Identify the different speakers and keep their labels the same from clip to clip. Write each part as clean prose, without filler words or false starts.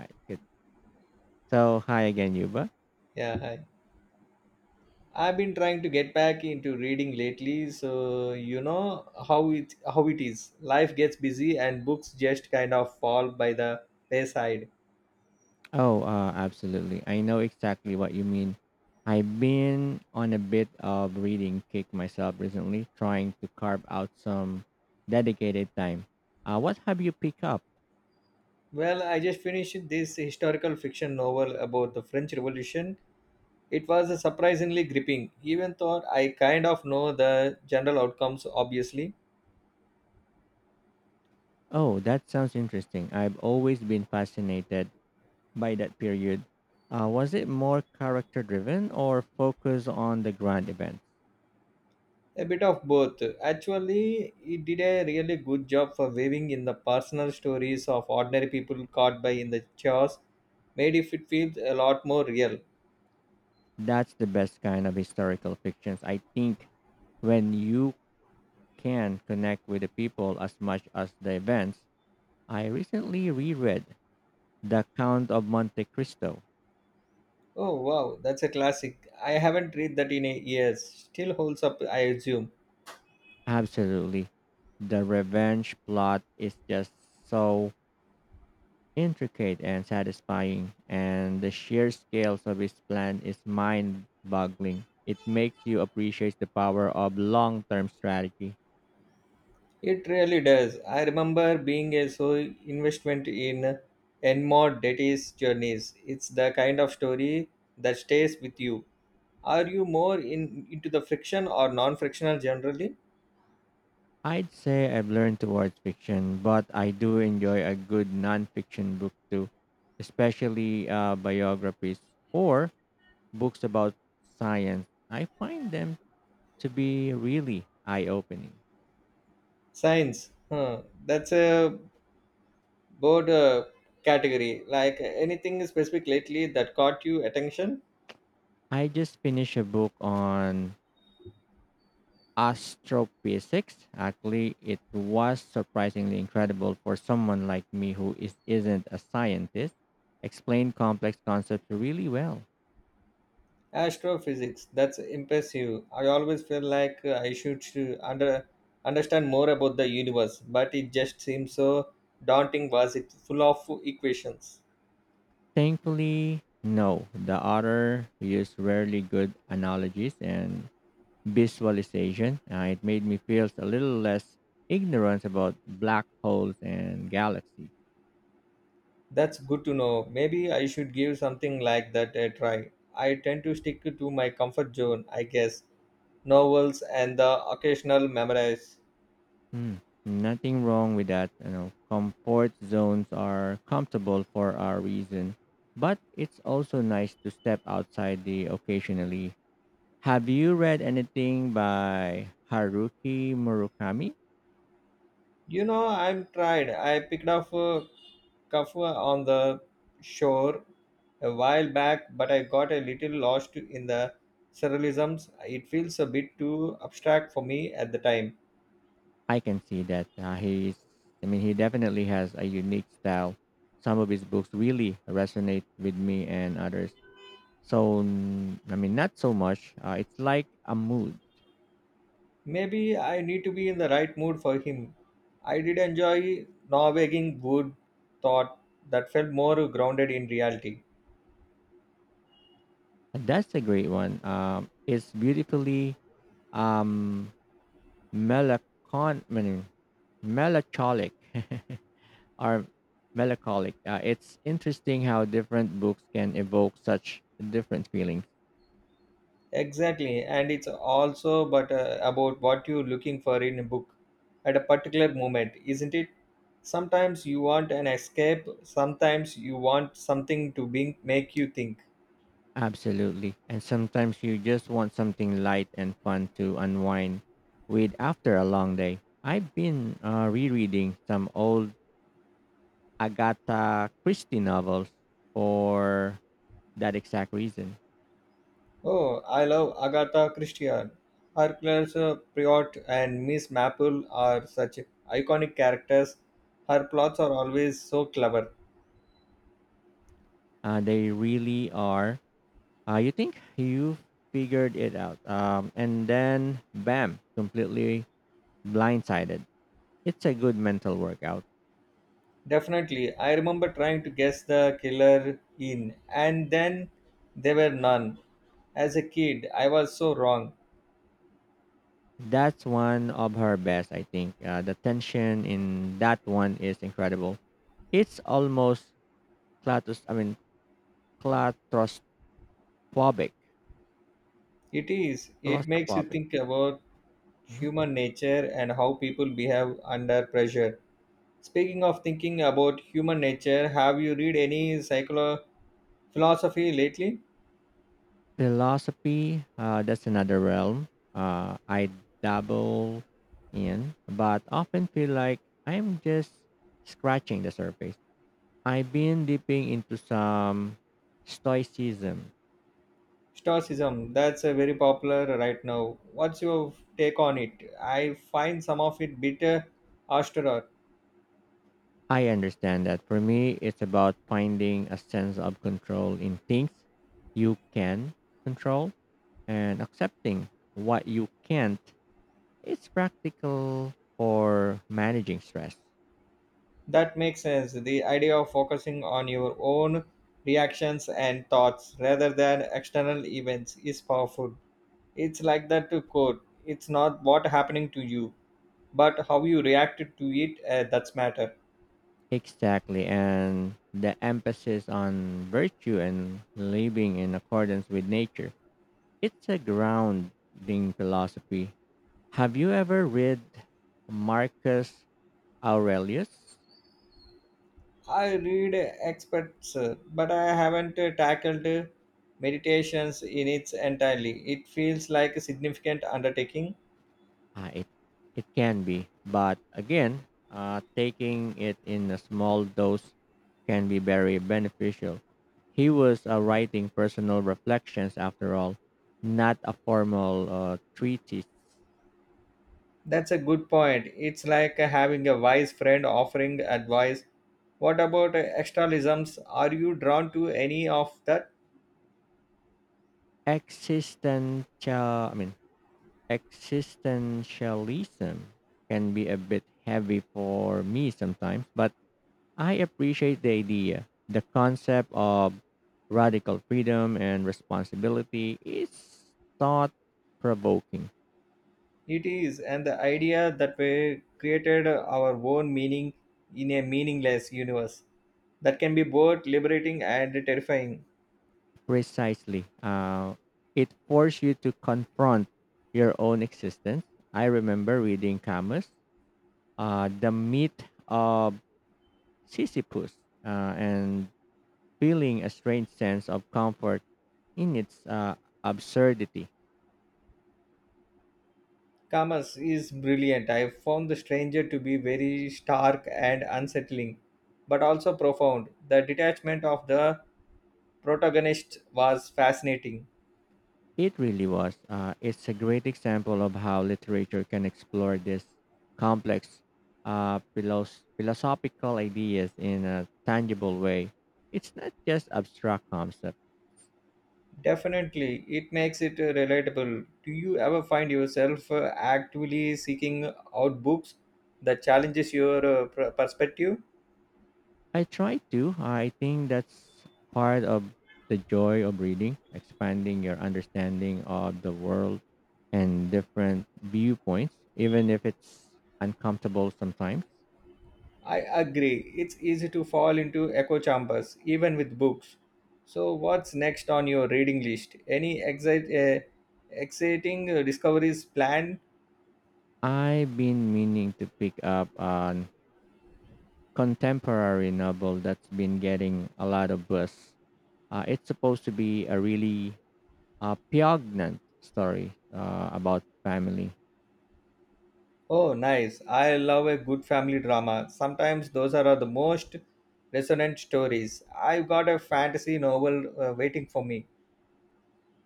Speaker 1: Right. Good. So, hi again, Yuba.
Speaker 2: Yeah, hi. I've been trying to get back into reading lately, so you know how it is. Life gets busy and books just kind of fall by the wayside.
Speaker 1: Oh, absolutely. I know exactly what you mean. I've been on a bit of reading kick myself recently, trying to carve out some dedicated time. What have you picked up?
Speaker 2: Well, I just finished this historical fiction novel about the French Revolution. It was surprisingly gripping, even though I kind of know the general outcomes obviously.
Speaker 1: Oh, that sounds interesting. I've always been fascinated by that period. Was it more character driven or focused on the grand events?
Speaker 2: A bit of both. Actually, he did a really good job for weaving in the personal stories of ordinary people caught by in the chaos, made if it feels a lot more real.
Speaker 1: That's the best kind of historical fictions. I think when you can connect with the people as much as the events. I recently reread The Count of Monte Cristo.
Speaker 2: Oh wow, that's a classic. I haven't read that in a years. Still holds up, I assume.
Speaker 1: Absolutely. The revenge plot is just so intricate and satisfying, and the sheer scales of his plan is mind boggling. It makes you appreciate the power of long term strategy.
Speaker 2: It really does. I remember being a so investment in Enmore Deity's journeys. It's the kind of story that stays with you. Are you more in into the friction or non-frictional generally?
Speaker 1: I'd say I've learned towards fiction, but I do enjoy a good non fiction book too, especially biographies or books about science. I find them to be really eye opening.
Speaker 2: Science. Huh. That's a broad category. Like anything specific lately that caught you attention?
Speaker 1: I just finished a book on astrophysics. Actually, it was surprisingly incredible for someone like me who isn't a scientist. Explained complex concepts really well.
Speaker 2: Astrophysics. That's impressive. I always feel like I should to under understand more about the universe, but it just seems so daunting. Was it full of equations?
Speaker 1: Thankfully, no, the author used rarely good analogies and visualization. It made me feel a little less ignorance about black holes and galaxies.
Speaker 2: That's good to know. Maybe I should give something like that a try. I tend to stick to my comfort zone, I guess. Novels and the occasional memories.
Speaker 1: Hmm. Nothing wrong with that. You know, comfort zones are comfortable for our reason, but it's also nice to step outside the occasionally. Have you read anything by Haruki Murakami?
Speaker 2: You know, I'm tried. I picked up a kafua on the shore a while back, but I got a little lost in the surrealisms. It feels a bit too abstract for me at the time.
Speaker 1: I can see that he's. I mean, he definitely has a unique style. Some of his books really resonate with me and others. I mean, not so much. It's like a mood.
Speaker 2: Maybe I need to be in the right mood for him. I did enjoy Norwegian good thought that felt more grounded in reality.
Speaker 1: That's a great one. It's beautifully um I mean, melancholic or melancholic. It's interesting how different books can evoke such different feelings.
Speaker 2: Exactly, and it's also but about what you're looking for in a book at a particular moment, isn't it? Sometimes you want an escape, sometimes you want something to make you think.
Speaker 1: Absolutely, and sometimes you just want something light and fun to unwind with after a long day. I've been rereading some old Agatha Christie novels for that exact reason.
Speaker 2: Oh, I love Agatha Christie. Her Clarissa Priot and Miss Maple are such iconic characters. Her plots are always so clever.
Speaker 1: They really are. You think you figured it out, and then bam, completely blindsided. It's a good mental workout.
Speaker 2: Definitely, I remember trying to guess the killer in, and then there were none. As a kid, I was so wrong.
Speaker 1: That's one of her best, I think. The tension in that one is incredible. It's almost claustros. I mean, claustrophobic.
Speaker 2: It is, it makes you
Speaker 1: Claustrophobic.
Speaker 2: think about
Speaker 1: Mm-hmm.
Speaker 2: human nature and how people behave under pressure. Speaking of thinking about human nature, have you read any philosophy lately?
Speaker 1: Philosophy, that's another realm I dabble in, but often feel like I'm just scratching the surface. I've been dipping into some stoicism.
Speaker 2: Stoicism, that's a very popular right now. What's your take on it? I find some of it bitter austere.
Speaker 1: I understand that for me, it's about finding a sense of control in things you can control and accepting what you can't. It's practical for managing stress.
Speaker 2: That makes sense. The idea of focusing on your own reactions and thoughts rather than external events is powerful. It's like that to quote. It's not what happening to you, but how you reacted to it that's matter.
Speaker 1: Exactly, and the emphasis on virtue and living in accordance with nature. It's a grounding philosophy. Have you ever read Marcus Aurelius?
Speaker 2: I read experts, but I haven't tackled meditations in its entirely. It feels like a significant undertaking.
Speaker 1: Uh, it, it can be, but again, taking it in a small dose can be very beneficial. He was writing personal reflections, after all, not a formal treatise.
Speaker 2: That's a good point. It's like having a wise friend offering advice. What about externalisms? Are you drawn to any of that?
Speaker 1: Existential I mean, existentialism can be a bit heavy for me sometimes, but I appreciate the idea, the concept of radical freedom and responsibility is thought provoking.
Speaker 2: It is, and the idea that we created our own meaning in a meaningless universe that can be both liberating and terrifying.
Speaker 1: Precisely, it forces you to confront your own existence. I remember reading Camus, the myth of Sisyphus, and feeling a strange sense of comfort in its absurdity.
Speaker 2: Kamas is brilliant. I found The Stranger to be very stark and unsettling, but also profound. The detachment of the protagonist was fascinating.
Speaker 1: It really was. It's a great example of how literature can explore these complex philosophical ideas in a tangible way. It's not just abstract concept.
Speaker 2: Definitely, it makes it relatable. Do you ever find yourself actively seeking out books that challenges your perspective?
Speaker 1: I try to. I think that's part of the joy of reading, expanding your understanding of the world and different viewpoints, even if it's uncomfortable sometimes.
Speaker 2: I agree. It's easy to fall into echo chambers, even with books. So, what's next on your reading list? Any exciting discoveries planned?
Speaker 1: I've been meaning to pick up a contemporary novel that's been getting a lot of buzz. It's supposed to be a really poignant story about family.
Speaker 2: Oh, nice. I love a good family drama. Sometimes those are the most resonant stories. I've got a fantasy novel waiting for me.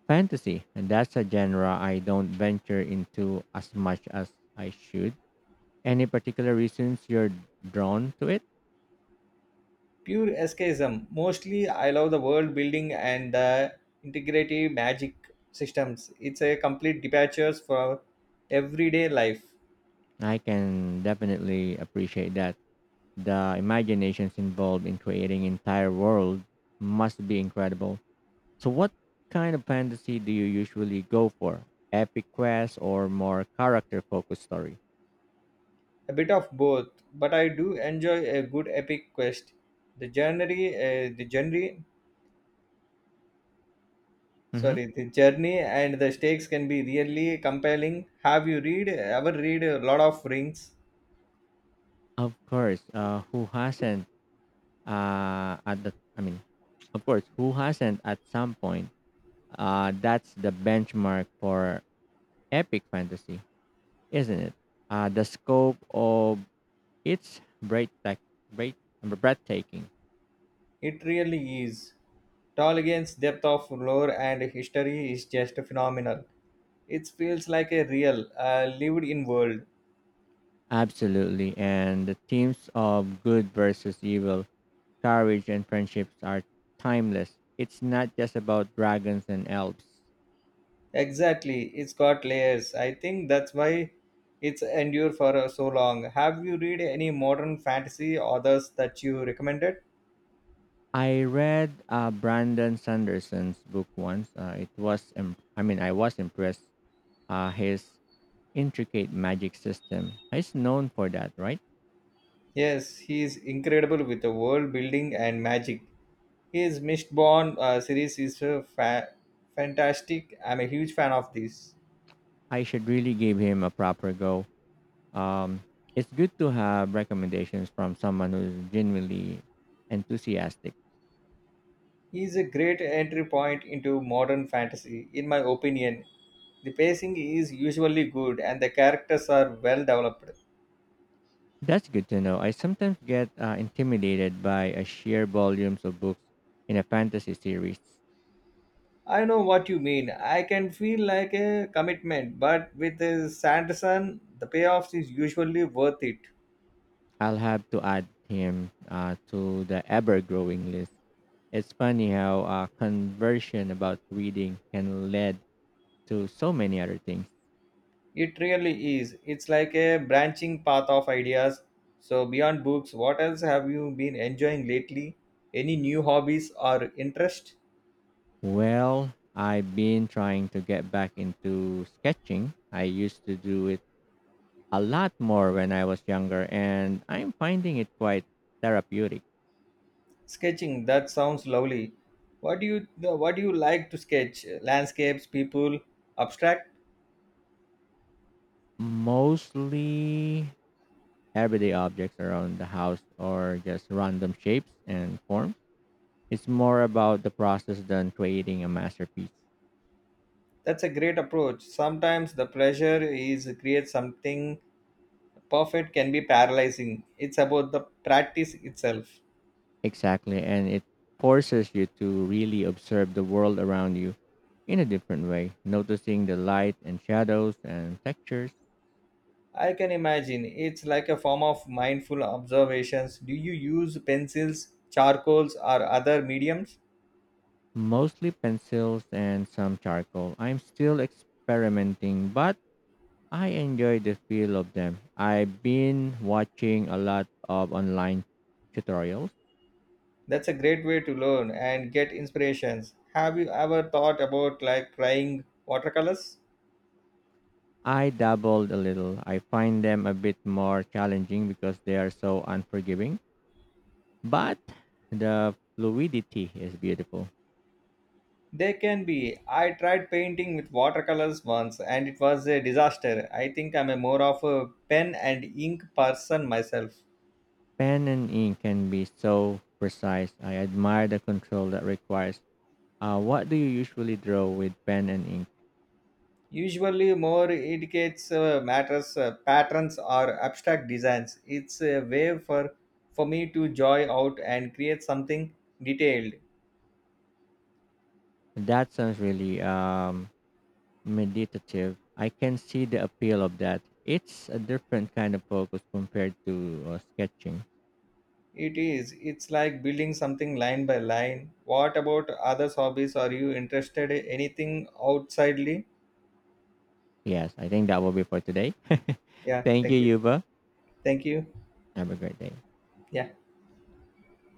Speaker 1: Fantasy, and that's a genre I don't venture into as much as I should. Any particular reasons you're drawn to it?
Speaker 2: Pure escapism. Mostly, I love the world building and the integrative magic systems. It's a complete departure for everyday life.
Speaker 1: I can definitely appreciate that. The imaginations involved in creating entire world must be incredible. So, what kind of fantasy do you usually go for? Epic quest or more character focused story?
Speaker 2: A bit of both, but I do enjoy a good epic quest. The journey, uh, the journey,
Speaker 1: Hmm.
Speaker 2: the journey and the stakes can be really compelling. Have you read ever read a lot of Rings?
Speaker 1: Of course, who hasn't at the I mean, of course, who hasn't at some point? That's the benchmark for epic fantasy, isn't it? The scope of it's breath breathtaking.
Speaker 2: It really is. Tolkien's depth of lore and history is just phenomenal. It feels like a real, lived-in world.
Speaker 1: Absolutely, and the themes of good versus evil, courage and friendships are timeless. It's not just about dragons and elves.
Speaker 2: Exactly, it's got layers. I think that's why it's endured for so long. Have you read any modern fantasy authors that you recommended?
Speaker 1: I read Brandon Sanderson's book once. I mean, I was impressed. His intricate magic system. He's known for that, right?
Speaker 2: Yes, he is incredible with the world building and magic. His Mistborn series is fantastic. I'm a huge fan of this.
Speaker 1: I should really give him a proper go. Um, it's good to have recommendations from someone who's genuinely enthusiastic.
Speaker 2: He is a great entry point into modern fantasy, in my opinion. The pacing is usually good and the characters are well developed.
Speaker 1: That's good to know. I sometimes get intimidated by a sheer volumes of books in a fantasy series.
Speaker 2: I know what you mean. I can feel like a commitment, but with Sanderson, the payoffs is usually worth it.
Speaker 1: I'll have to add him to the ever-growing list. It's funny how conversion about reading can lead to so many other things.
Speaker 2: It really is. It's like a branching path of ideas. So, beyond books, what else have you been enjoying lately? Any new hobbies or interest?
Speaker 1: Well, I've been trying to get back into sketching. I used to do it a lot more when I was younger, and I'm finding it quite therapeutic.
Speaker 2: Sketching, that sounds lovely. What do you like to sketch? Landscapes, people, abstract?
Speaker 1: Mostly everyday objects around the house or just random shapes and forms. It's more about the process than creating a masterpiece.
Speaker 2: That's a great approach. Sometimes the pressure is create something perfect can be paralyzing. It's about the practice itself.
Speaker 1: Exactly. And it forces you to really observe the world around you in a different way, noticing the light and shadows and textures.
Speaker 2: I can imagine it's like a form of mindful observations. Do you use pencils, charcoals, or other mediums?
Speaker 1: Mostly pencils and some charcoal. I'm still experimenting, but I enjoy the feel of them. I've been watching a lot of online tutorials.
Speaker 2: That's a great way to learn and get inspirations. Have you ever thought about like trying watercolors?
Speaker 1: I dabbled a little. I find them a bit more challenging because they are so unforgiving, but the fluidity is beautiful.
Speaker 2: They can be. I tried painting with watercolors once and it was a disaster. I think I'm a more of a pen and ink person myself.
Speaker 1: Pen and ink can be so precise. I admire the control that requires. What do you usually draw with pen and ink?
Speaker 2: Usually more indicates matters patterns or abstract designs. It's a way for me to joy out and create something detailed.
Speaker 1: That sounds really meditative. I can see the appeal of that. It's a different kind of focus compared to sketching.
Speaker 2: It is, it's like building something line by line. What about others hobbies? Are you interested in anything outsidely?
Speaker 1: Yes, I think that will be for today.
Speaker 2: Yeah,
Speaker 1: Thank you,
Speaker 2: thank you.
Speaker 1: Yuba.
Speaker 2: Thank you.
Speaker 1: Have a great day.
Speaker 2: Yeah.